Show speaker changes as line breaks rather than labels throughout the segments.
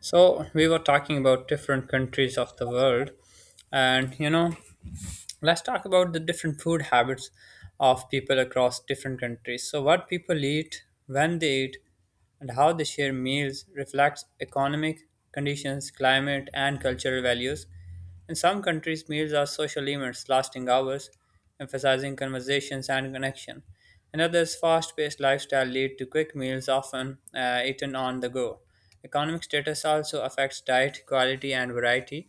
So we were talking about different countries of the world, and let's talk about the different food habits of people across different countries. So, what people eat, when they eat, and how they share meals reflects economic conditions, climate, and cultural values. In some countries, meals are social events lasting hours, emphasizing conversations and connection. In others, fast paced lifestyle lead to quick meals often eaten on the go. Economic status also affects diet, quality, and variety.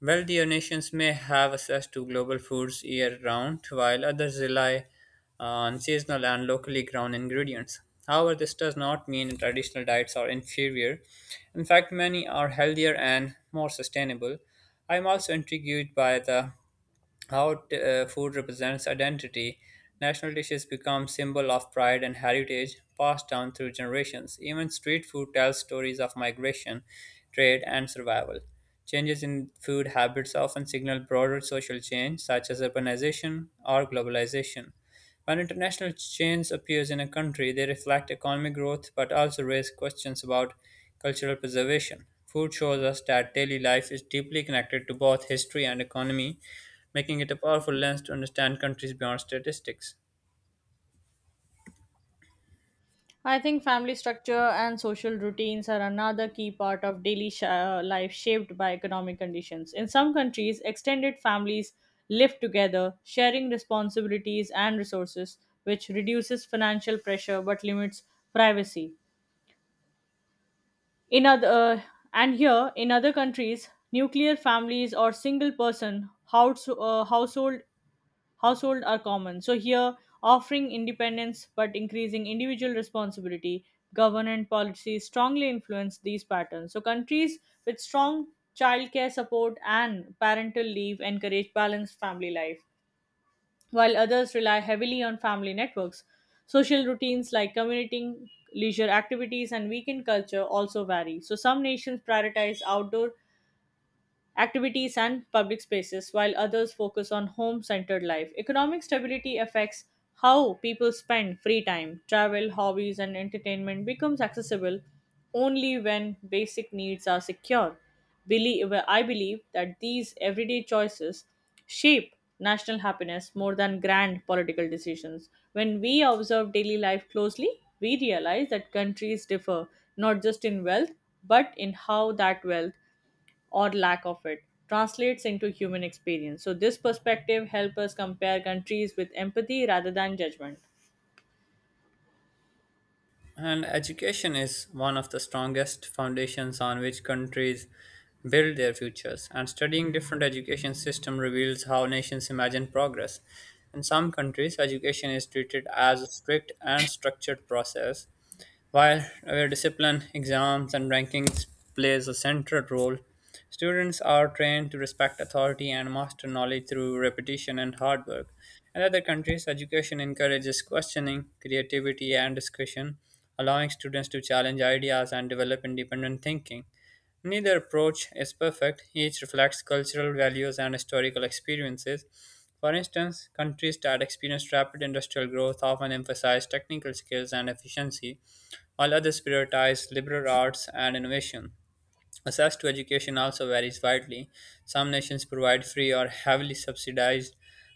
Wealthier nations may have access to global foods year-round, while others rely on seasonal and locally grown ingredients. However, this does not mean traditional diets are inferior. In fact, many are healthier and more sustainable. I am also intrigued by the how food represents identity. National dishes become symbol of pride and heritage passed down through generations. Even street food tells stories of migration, trade, and survival. Changes in food habits often signal broader social change such as urbanization or globalization. When international change appears in a country, they reflect economic growth but also raise questions about cultural preservation. Food shows us that daily life is deeply connected to both history and economy, making it a powerful lens to understand countries beyond statistics.
I think family structure and social routines are another key part of daily life shaped by economic conditions. In some countries, extended families live together, sharing responsibilities and resources, which reduces financial pressure but limits privacy. In other, uh, in other countries, nuclear families or single person household are common. So here, offering independence but increasing individual responsibility, government policies strongly influence these patterns. So countries with strong childcare support and parental leave encourage balanced family life, while others rely heavily on family networks. Social routines like commuting, leisure activities, and weekend culture also vary. So some nations prioritize outdoor activities and public spaces, while others focus on home centered life. Economic stability affects how people spend free time. Travel, hobbies, and entertainment becomes accessible only when basic needs are secure. I believe that these everyday choices shape national happiness more than grand political decisions. When we observe daily life closely, we realize that countries differ not just in wealth but in how that wealth or lack of it translates into human experience. So this perspective helps us compare countries with empathy rather than judgment.
And education is one of the strongest foundations on which countries build their futures. And studying different education systems reveals how nations imagine progress. In some countries, education is treated as a strict and structured process, while our discipline, exams, and rankings plays a central role. Students are trained to respect authority and master knowledge through repetition and hard work. In other countries, education encourages questioning, creativity, and discussion, allowing students to challenge ideas and develop independent thinking. Neither approach is perfect, each reflects cultural values and historical experiences. For instance, countries that experienced rapid industrial growth often emphasize technical skills and efficiency, while others prioritize liberal arts and innovation. Access to education also varies widely. Some nations provide free or heavily subsidized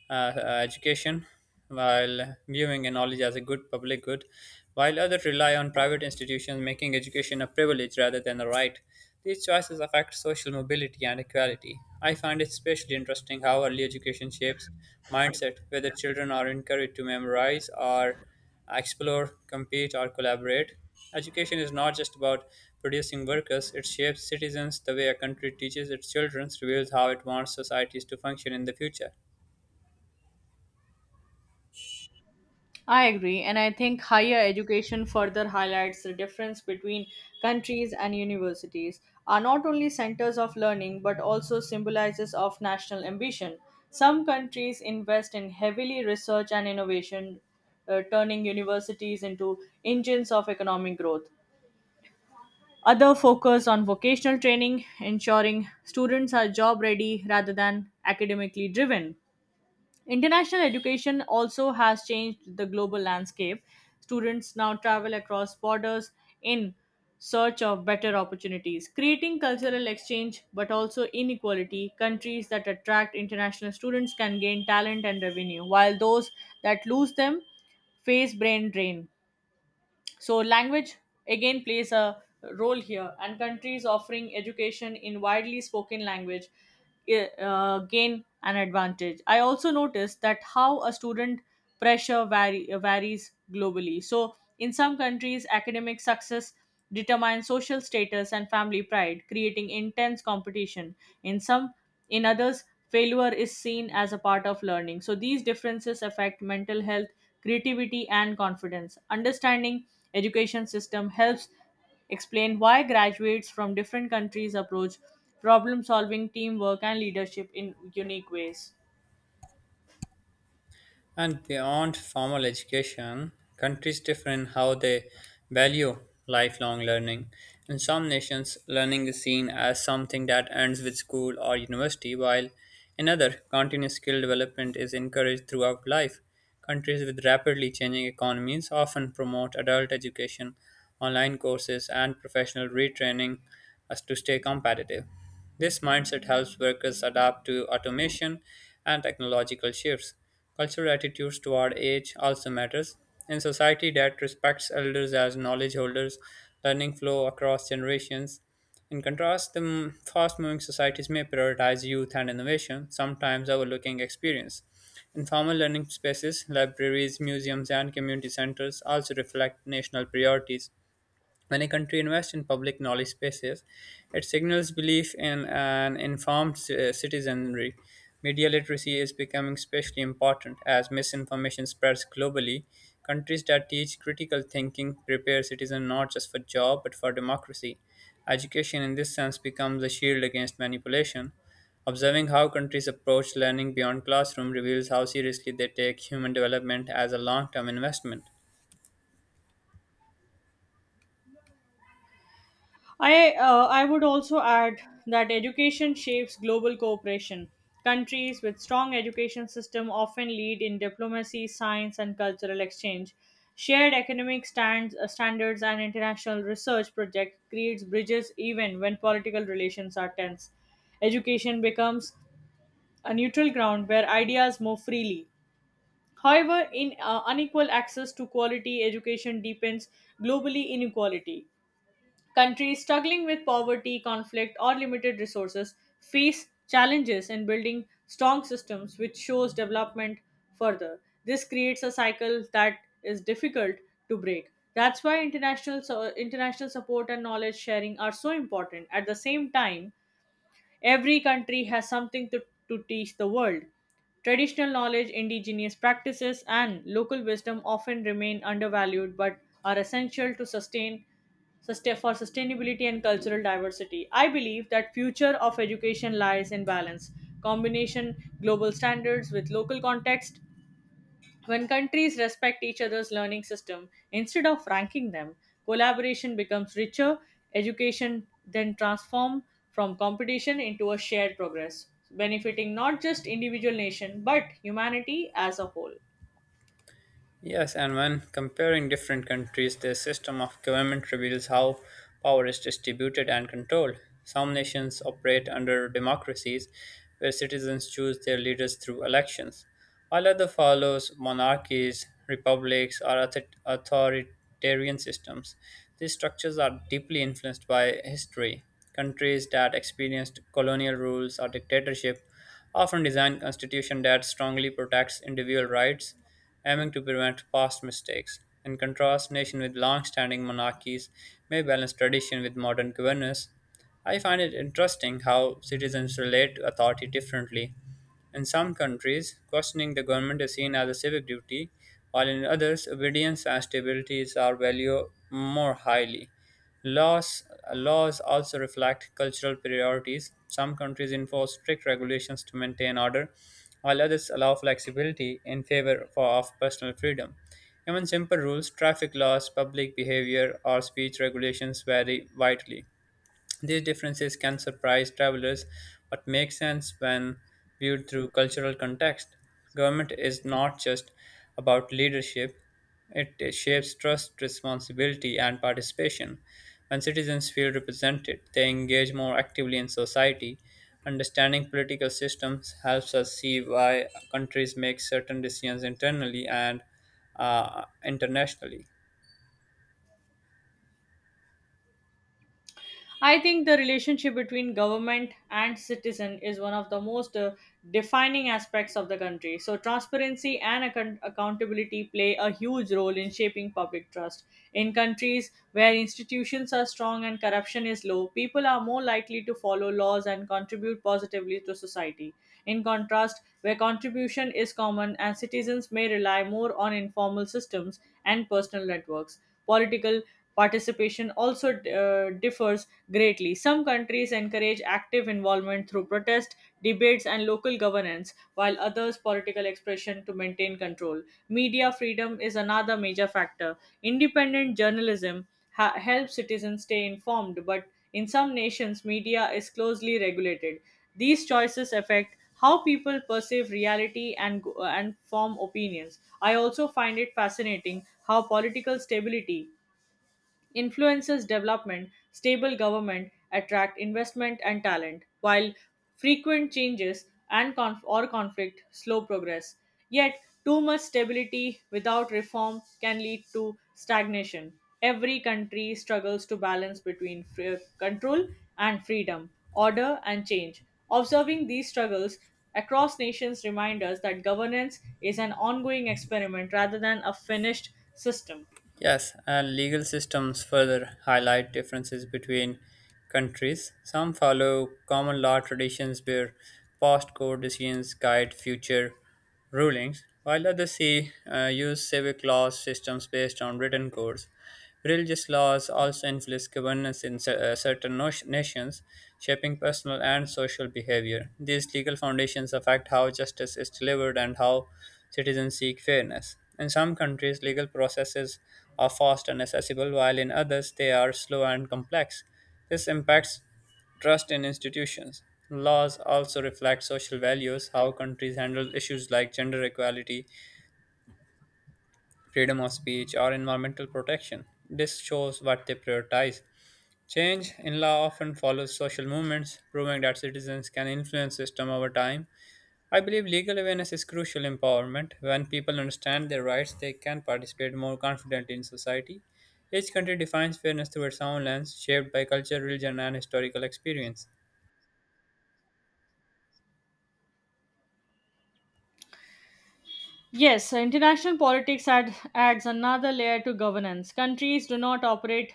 education, while viewing a knowledge as a good public good, while others rely on private institutions, making education a privilege rather than a right. These choices affect social mobility and equality. I find it especially interesting how early education shapes mindset, whether children are encouraged to memorize or explore, compete, or collaborate. Education is not just about producing workers, it shapes citizens. The way a country teaches its children reveals how it wants societies to function in the future.
I agree, and I think higher education further highlights the difference between countries and universities are not only centers of learning but also symbolizes of national ambition. Some countries invest in heavily research and innovation, turning universities into engines of economic growth. Other focus on vocational training, ensuring students are job ready rather than academically driven. International education also has changed the global landscape. Students now travel across borders in search of better opportunities, creating cultural exchange but also inequality. Countries that attract international students can gain talent and revenue, while those that lose them face brain drain so language again plays a role here and countries offering education in widely spoken language gain an advantage. I also noticed that how a student pressure varies globally. So in some countries academic success determines social status and family pride creating intense competition in some in others, failure is seen as a part of learning. So these differences affect mental health, creativity, and confidence. Understanding education system helps explain why graduates from different countries approach problem solving, teamwork, and leadership in unique ways.
And beyond formal education, countries differ in how they value lifelong learning. In some nations, learning is seen as something that ends with school or university, while in other, continuous skill development is encouraged throughout life. Countries with rapidly changing economies often promote adult education, online courses, and professional retraining as to stay competitive. This mindset helps workers adapt to automation and technological shifts. Cultural attitudes toward age also matters. In society that respects elders as knowledge holders, learning flow across generations. In contrast, fast-moving societies may prioritize youth and innovation, sometimes overlooking experience. Informal learning spaces, libraries, museums, and community centers also reflect national priorities. When a country invests in public knowledge spaces, it signals belief in an informed citizenry. Media literacy is becoming especially important as misinformation spreads globally. Countries that teach critical thinking prepare citizens not just for job but for democracy. Education in this sense becomes a shield against manipulation. Observing how countries approach learning beyond classroom reveals how seriously they take human development as a long-term investment.
I would also add that education shapes global cooperation. Countries with strong education system often lead in diplomacy, science, and cultural exchange. Shared standards and international research project creates bridges even when political relations are tense. Education becomes a neutral ground where ideas move freely. However, in unequal access to quality education deepens globally inequality. Countries struggling with poverty, conflict, or limited resources face challenges in building strong systems, which shows development further. This creates a cycle that is difficult to break. That's why international support and knowledge sharing are so important. At the same time, every country has something to teach the world. Traditional knowledge, indigenous practices, and local wisdom often remain undervalued but are essential to sustainability and cultural diversity. I believe that future of education lies in balance, combination global standards with local context when countries respect each other's learning system instead of ranking them, collaboration becomes richer, education then transforms from competition into a shared progress, benefiting not just individual nation but humanity as a whole.
Yes, and when comparing different countries, their system of government reveals how power is distributed and controlled. Some nations operate under democracies where citizens choose their leaders through elections, while others follow monarchies, republics, or authoritarian systems. These structures are deeply influenced by history. Countries that experienced colonial rules or dictatorship often design constitution that strongly protects individual rights, aiming to prevent past mistakes. In contrast, nations with long-standing monarchies may balance tradition with modern governance. I find it interesting how citizens relate to authority differently. In some countries, questioning the government is seen as a civic duty, while in others, obedience and stability are valued more highly. Laws, laws also reflect cultural priorities. Some countries enforce strict regulations to maintain order, while others allow flexibility in favor of personal freedom. Even simple rules, traffic laws, public behavior, or speech regulations vary widely. These differences can surprise travelers, but make sense when viewed through cultural context. Government is not just about leadership, it shapes trust, responsibility, and participation. When citizens feel represented, they engage more actively in society. Understanding political systems helps us see why countries make certain decisions internally and internationally.
I think the relationship between government and citizen is one of the most defining aspects of the country. So, transparency and accountability play a huge role in shaping public trust. In countries where institutions are strong and corruption is low, people are more likely to follow laws and contribute positively to society. In contrast, where contribution is common and citizens may rely more on informal systems and personal networks, political participation also differs greatly. Some countries encourage active involvement through protest, debates, and local governance, while others political expression to maintain control. Media freedom is another major factor. Independent journalism helps citizens stay informed, but in some nations, media is closely regulated. These choices affect how people perceive reality and form opinions. I also find it fascinating how political stability influences development, stable government attract investment and talent, while frequent changes and conf- or conflict slow progress. Yet, too much stability without reform can lead to stagnation. Every country struggles to balance between control and freedom, order and change. Observing these struggles across nations remind us that governance is an ongoing experiment rather than a finished system.
Yes, and legal systems further highlight differences between countries. Some follow common law traditions where past court decisions guide future rulings, while others use civic law systems based on written codes. Religious laws also influence governance in certain nations, shaping personal and social behavior. These legal foundations affect how justice is delivered and how citizens seek fairness. In some countries, legal processes are fast and accessible, while in others, they are slow and complex. This impacts trust in institutions. Laws also reflect social values, how countries handle issues like gender equality, freedom of speech, or environmental protection. This shows what they prioritize. Change in law often follows social movements, proving that citizens can influence system over time. I believe legal awareness is crucial empowerment. When people understand their rights, they can participate more confidently in society. Each country defines fairness through its own lens, shaped by culture, religion, and historical experience.
Yes, so international politics adds another layer to governance. Countries do not operate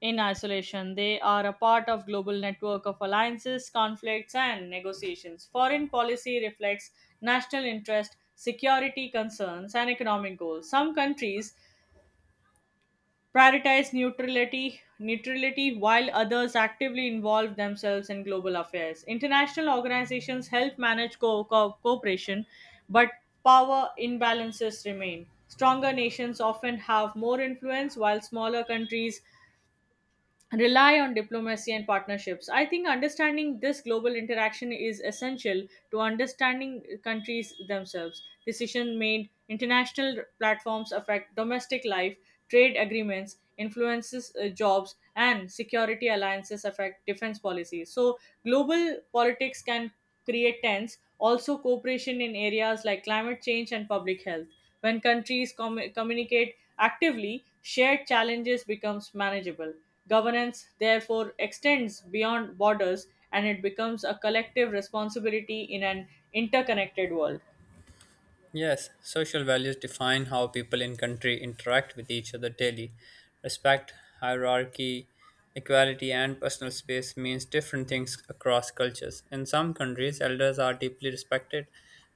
in isolation. They are a part of global network of alliances, conflicts and negotiations. Foreign policy reflects national interest, security concerns and economic goals. Some countries prioritize neutrality while others actively involve themselves in global affairs. International organizations help manage cooperation, but power imbalances remain. Stronger nations often have more influence, while smaller countries rely on diplomacy and partnerships. I think understanding this global interaction is essential to understanding countries themselves. Decision made international platforms affect domestic life, trade agreements influences jobs and security alliances affect defense policy. So global politics can create tense also cooperation in areas like climate change and public health. When countries communicate actively, shared challenges becomes manageable. Governance therefore extends beyond borders and it becomes a collective responsibility in an interconnected world.
Yes, social values define how people in country interact with each other daily. Respect, hierarchy, equality, and personal space means different things across cultures. In some countries, elders are deeply respected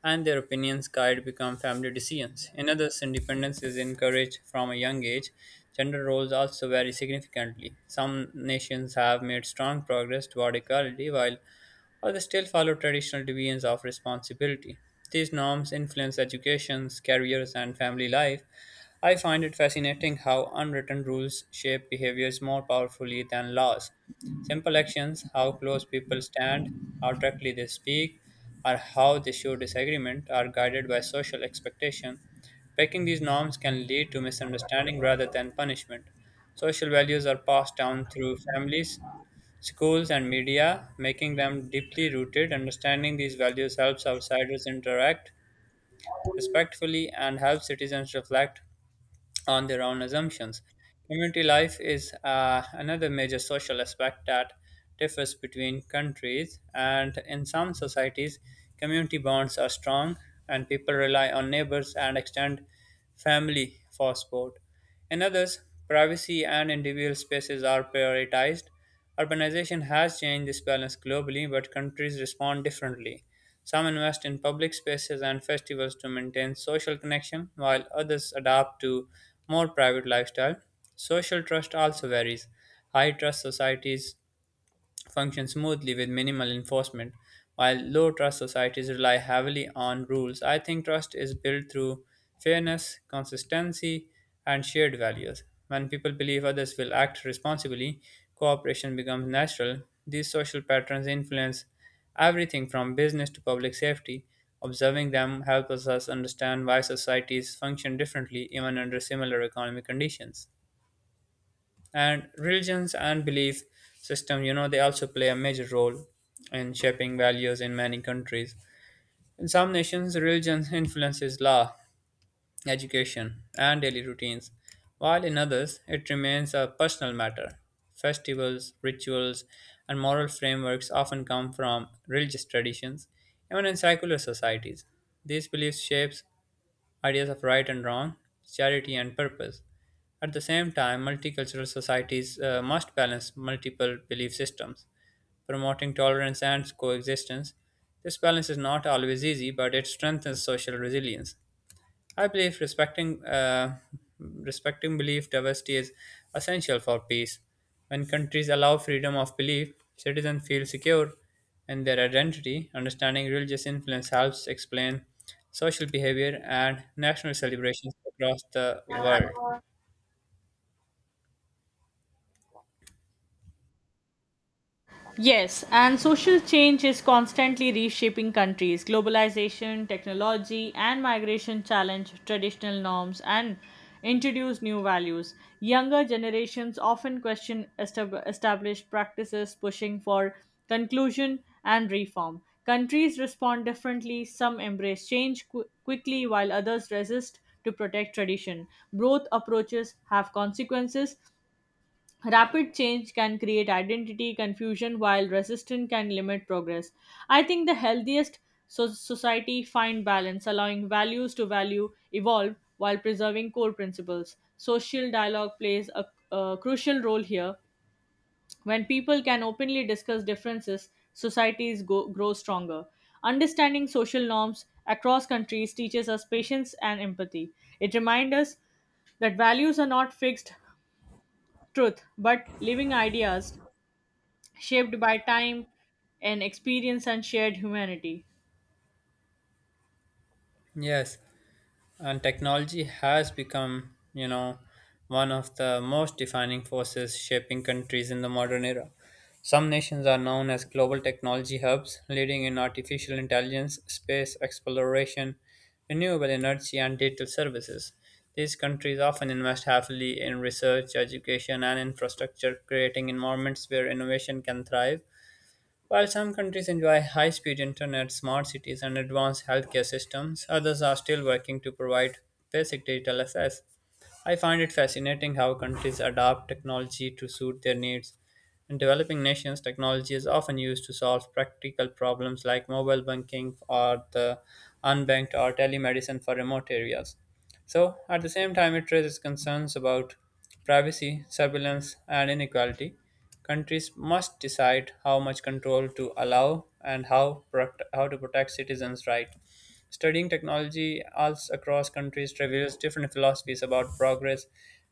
and their opinions guide become family decisions. In others, independence is encouraged from a young age. Gender roles also vary significantly. Some nations have made strong progress toward equality, while or they still follow traditional divisions of responsibility. These norms influence educations, careers, and family life. I find it fascinating how unwritten rules shape behaviors more powerfully than laws. Simple actions, how close people stand, how directly they speak, or how they show disagreement, are guided by social expectation. Breaking these norms can lead to misunderstanding rather than punishment. Social values are passed down through families, schools, and media, making them deeply rooted. Understanding these values helps outsiders interact respectfully and helps citizens reflect on their own assumptions. Community life is another major social aspect that differs between countries. And in some societies, community bonds are strong and people rely on neighbors and extend family for support. In others, privacy and individual spaces are prioritized. Urbanization has changed this balance globally, but countries respond differently. Some invest in public spaces and festivals to maintain social connection, while others adapt to more private lifestyle. Social trust also varies. High trust societies function smoothly with minimal enforcement, while low trust societies rely heavily on rules. I think trust is built through fairness, consistency, and shared values. When people believe others will act responsibly, cooperation becomes natural. These social patterns influence everything from business to public safety. Observing them helps us understand why societies function differently even under similar economic conditions. And religions and belief system, they also play a major role in shaping values in many countries. In some nations, religion influences law, education, and daily routines, while in others it remains a personal matter. Festivals, rituals, and moral frameworks often come from religious traditions. Even in secular societies, these beliefs shapes ideas of right and wrong, charity and purpose. At the same time, multicultural societies must balance multiple belief systems, promoting tolerance and coexistence. This balance is not always easy, but it strengthens social resilience. I believe respecting belief diversity is essential for peace. When countries allow freedom of belief, citizens feel secure in their identity. Understanding religious influence helps explain social behavior and national celebrations across the world.
Yes, and social change is constantly reshaping countries. Globalization, technology, and migration challenge traditional norms and introduce new values. Younger generations often question established practices, pushing for conclusion and reform. Countries respond differently, some embrace change quickly, while others resist to protect tradition. Both approaches have consequences, rapid change can create identity confusion while resistance can limit progress. I think the healthiest society find balance, allowing values to value evolve while preserving core principles. Social dialogue plays a crucial role here. When people can openly discuss differences, societies grow stronger. Understanding social norms across countries teaches us patience and empathy. It reminds us that values are not fixed truth but living ideas shaped by time and experience and shared humanity.
Yes. And technology has become, one of the most defining forces shaping countries in the modern era. Some nations are known as global technology hubs, leading in artificial intelligence, space exploration, renewable energy, and digital services. These countries often invest heavily in research, education, and infrastructure, creating environments where innovation can thrive. While some countries enjoy high speed internet, smart cities, and advanced healthcare systems, others are still working to provide basic digital access. I find it fascinating how countries adapt technology to suit their needs. In developing nations, technology is often used to solve practical problems like mobile banking or the unbanked or telemedicine for remote areas. So, at the same time, it raises concerns about privacy, surveillance, and inequality. Countries must decide how much control to allow and how to protect citizens' rights. Studying technology also across countries reveals different philosophies about progress,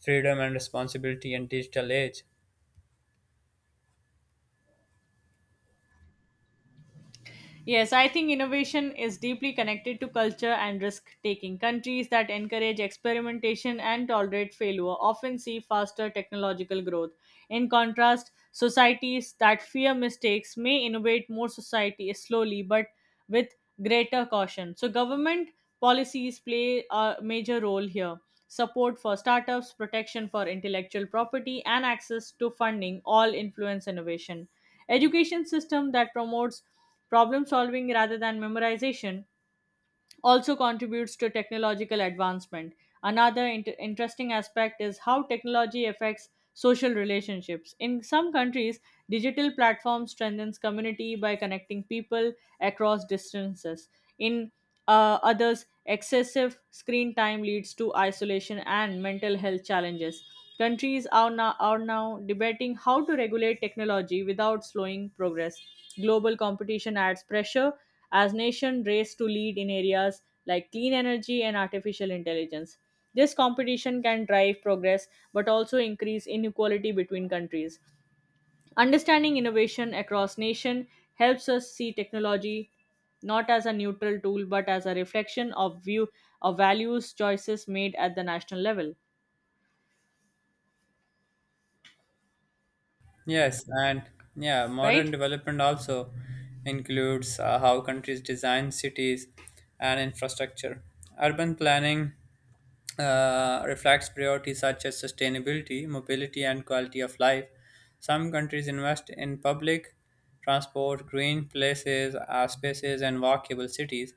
freedom, and responsibility in digital age.
Yes, I think innovation is deeply connected to culture and risk taking. Countries that encourage experimentation and tolerate failure often see faster technological growth. In contrast, societies that fear mistakes may innovate more society slowly but with greater caution. So government policies play a major role here. Support for startups, protection for intellectual property, and access to funding all influence innovation. Education system that promotes problem solving rather than memorization also contributes to technological advancement. Another interesting aspect is how technology affects social relationships. In some countries, digital platforms strengthens community by connecting people across distances. In others, excessive screen time leads to isolation and mental health challenges. Countries are now debating how to regulate technology without slowing progress. Global competition adds pressure as nations race to lead in areas like clean energy and artificial intelligence. This competition can drive progress but also increase inequality between countries. Understanding innovation across nation helps us see technology not as a neutral tool but as a reflection of view of values choices made at the national level,
Yes, and yeah, modern
right?
development also includes how countries design cities and infrastructure. Urban planning reflects priorities such as sustainability, mobility, and quality of life. Some countries invest in public transport, green places, spaces, and walkable cities,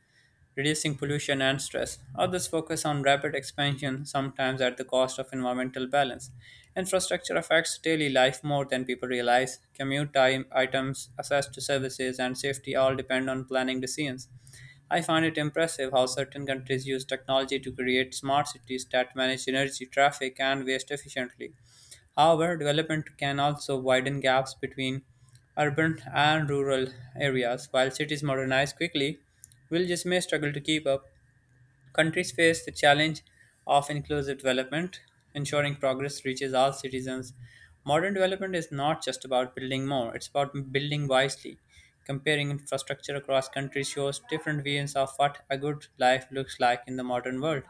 reducing pollution and stress. Others focus on rapid expansion, sometimes at the cost of environmental balance. Infrastructure affects daily life more than people realize. Commute time, items, access to services, and safety all depend on planning decisions. I find it impressive how certain countries use technology to create smart cities that manage energy, traffic, and waste efficiently. However, development can also widen gaps between urban and rural areas. While cities modernize quickly, villages may struggle to keep up. Countries face the challenge of inclusive development, ensuring progress reaches all citizens. Modern development is not just about building more, it's about building wisely. Comparing infrastructure across countries shows different views of what a good life looks like in the modern world.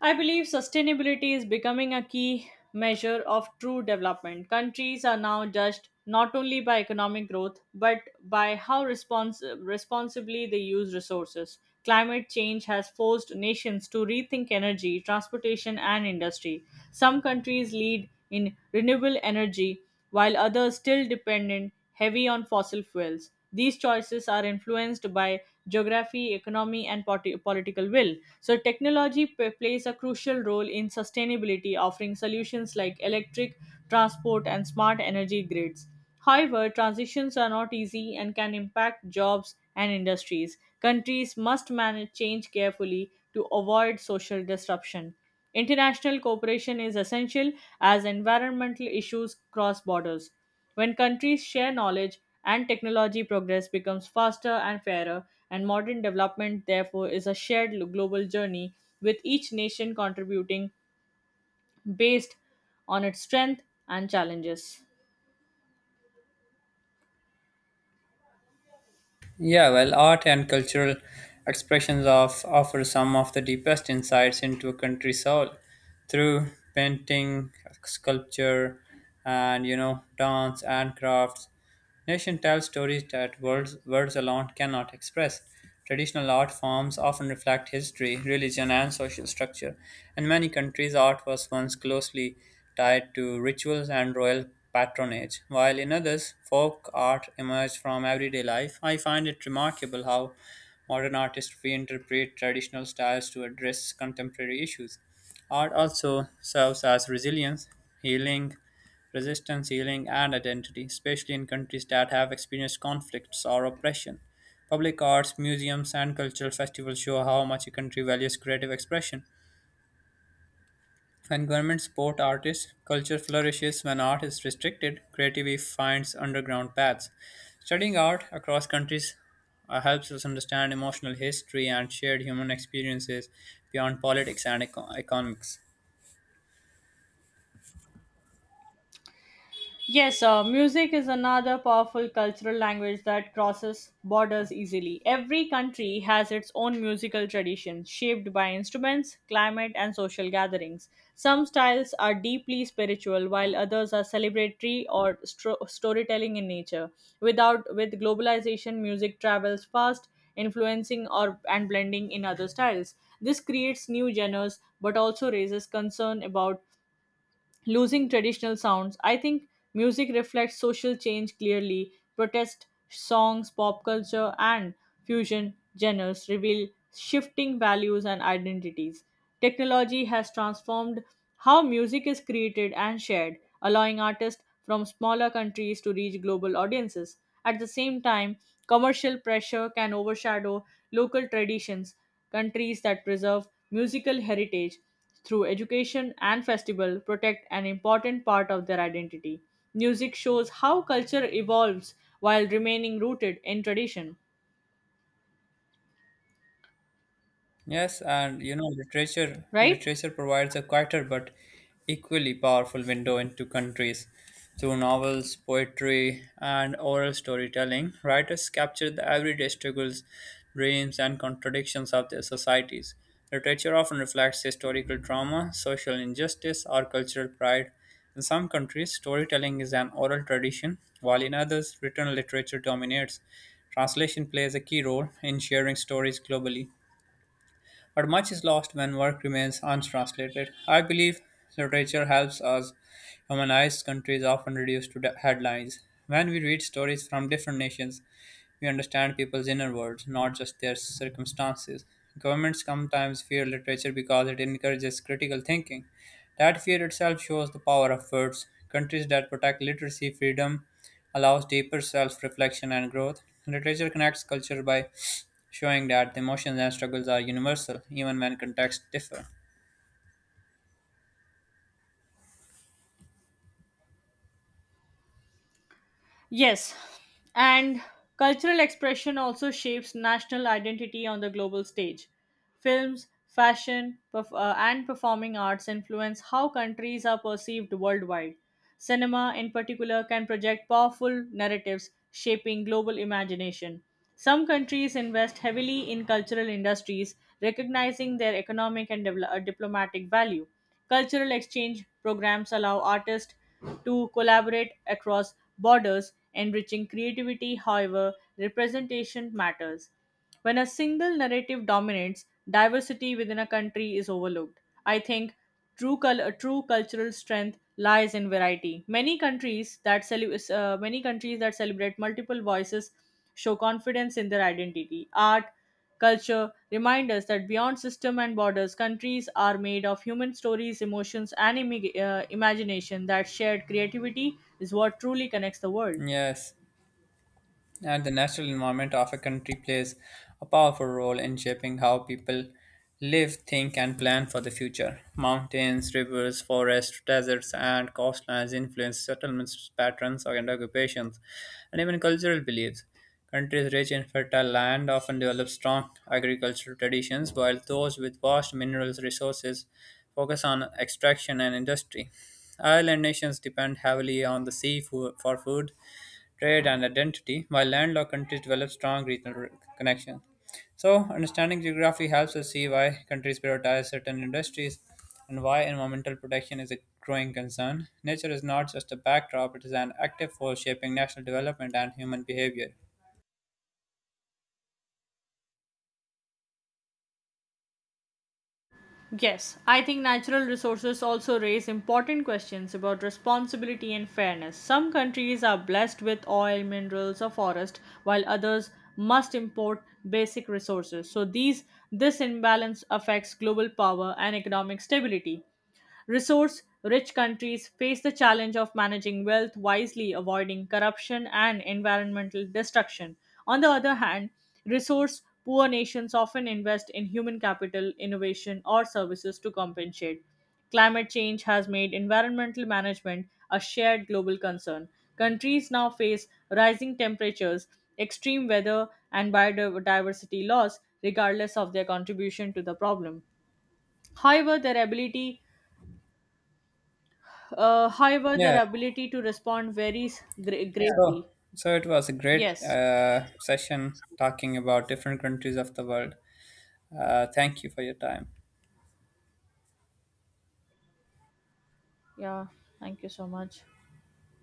I believe sustainability is becoming a key measure of true development. Countries are now judged not only by economic growth but by how responsibly they use resources. Climate change has forced nations to rethink energy, transportation, and industry. Some countries lead in renewable energy while others still dependent heavy on fossil fuels. These choices are influenced by geography, economy, and political will. So, technology plays a crucial role in sustainability, offering solutions like electric transport and smart energy grids. However, transitions are not easy and can impact jobs and industries. Countries must manage change carefully to avoid social disruption. International cooperation is essential as environmental issues cross borders. When countries share knowledge and technology, progress becomes faster and fairer, and modern development, therefore, is a shared global journey with each nation contributing based on its strength and challenges.
Yeah, well, art and cultural expressions of offer some of the deepest insights into a country's soul through painting, sculpture, and dance and crafts. Nation tells stories that words alone cannot express. Traditional art forms often reflect history, religion, and social structure. In many countries, art was once closely tied to rituals and royal patronage, while in others, folk art emerged from everyday life. I find it remarkable how modern artists reinterpret traditional styles to address contemporary issues. Art also serves as resilience, healing, resistance, healing, and identity, especially in countries that have experienced conflicts or oppression. Public arts, museums, and cultural festivals show how much a country values creative expression. When governments support artists, culture flourishes. When art is restricted, creativity finds underground paths. Studying art across countries helps us understand emotional history and shared human experiences beyond politics and economics.
Yes, music is another powerful cultural language that crosses borders easily. Every country has its own musical tradition, shaped by instruments, climate, and social gatherings. Some styles are deeply spiritual, while others are celebratory or storytelling in nature. Without with globalization, music travels fast, influencing or and blending in other styles. This creates new genres, but also raises concern about losing traditional sounds. I think music reflects social change clearly. Protest songs, pop culture, and fusion genres reveal shifting values and identities. Technology has transformed how music is created and shared, allowing artists from smaller countries to reach global audiences. At the same time, commercial pressure can overshadow local traditions, countries that preserve musical heritage through education and festival protect an important part of their identity. Music shows how culture evolves while remaining rooted in tradition,
Yes, and literature
right?
literature provides a quieter but equally powerful window into countries. Through novels, poetry, and oral storytelling, writers capture the everyday struggles, dreams, and contradictions of their societies. Literature often reflects historical trauma, social injustice, or cultural pride. In some countries, storytelling is an oral tradition, while in others, written literature dominates. Translation plays a key role in sharing stories globally but much is lost when work remains untranslated. I believe literature helps us humanize countries often reduced to the headlines. When we read stories from different nations, we understand people's inner worlds, not just their circumstances. Governments sometimes fear literature because it encourages critical thinking. That fear itself shows the power of words. Countries that protect literacy freedom allows deeper self reflection and growth. Literature connects culture by showing that the emotions and struggles are universal, even when contexts differ.
Yes, and cultural expression also shapes national identity on the global stage. Films, fashion, and performing arts influence how countries are perceived worldwide. Cinema, in particular, can project powerful narratives shaping global imagination. Some countries invest heavily in cultural industries, recognizing their economic and diplomatic value. Cultural exchange programs allow artists to collaborate across borders, enriching creativity. However, representation matters. When a single narrative dominates, diversity within a country is overlooked. I think true cultural strength lies in variety. Many countries that celebrate multiple voices show confidence in their identity. Art, culture remind us that beyond system and borders, countries are made of human stories, emotions, and imagination. That shared creativity is what truly connects the world.
Yes, and the natural environment of a country plays a powerful role in shaping how people live, think, and plan for the future. Mountains, rivers, forests, deserts, and coastlines influence settlements, patterns, and occupations, and even cultural beliefs. Countries rich in fertile land often develop strong agricultural traditions, while those with vast mineral resources focus on extraction and industry. Island nations depend heavily on the sea for food, trade, and identity, while landlocked countries develop strong regional connections. So, understanding geography helps us see why countries prioritize certain industries and why environmental protection is a growing concern. Nature is not just a backdrop, it is an active force shaping national development and human behavior.
Yes, I think natural resources also raise important questions about responsibility and fairness. Some countries are blessed with oil, minerals, or forest, while others must import basic resources. So these This imbalance affects global power and economic stability. Resource rich countries face the challenge of managing wealth wisely, avoiding corruption and environmental destruction. On the other hand, resource poor nations often invest in human capital, innovation, or services to compensate. Climate change has made environmental management a shared global concern. Countries now face rising temperatures, extreme weather, and biodiversity loss, regardless of their contribution to the problem. However, their ability However,
Yeah,
their ability to respond varies Yeah.
so
greatly.
so it was a great
Yes.
session talking about different countries of the world. Thank you for your time.
Yeah. Thank you so much.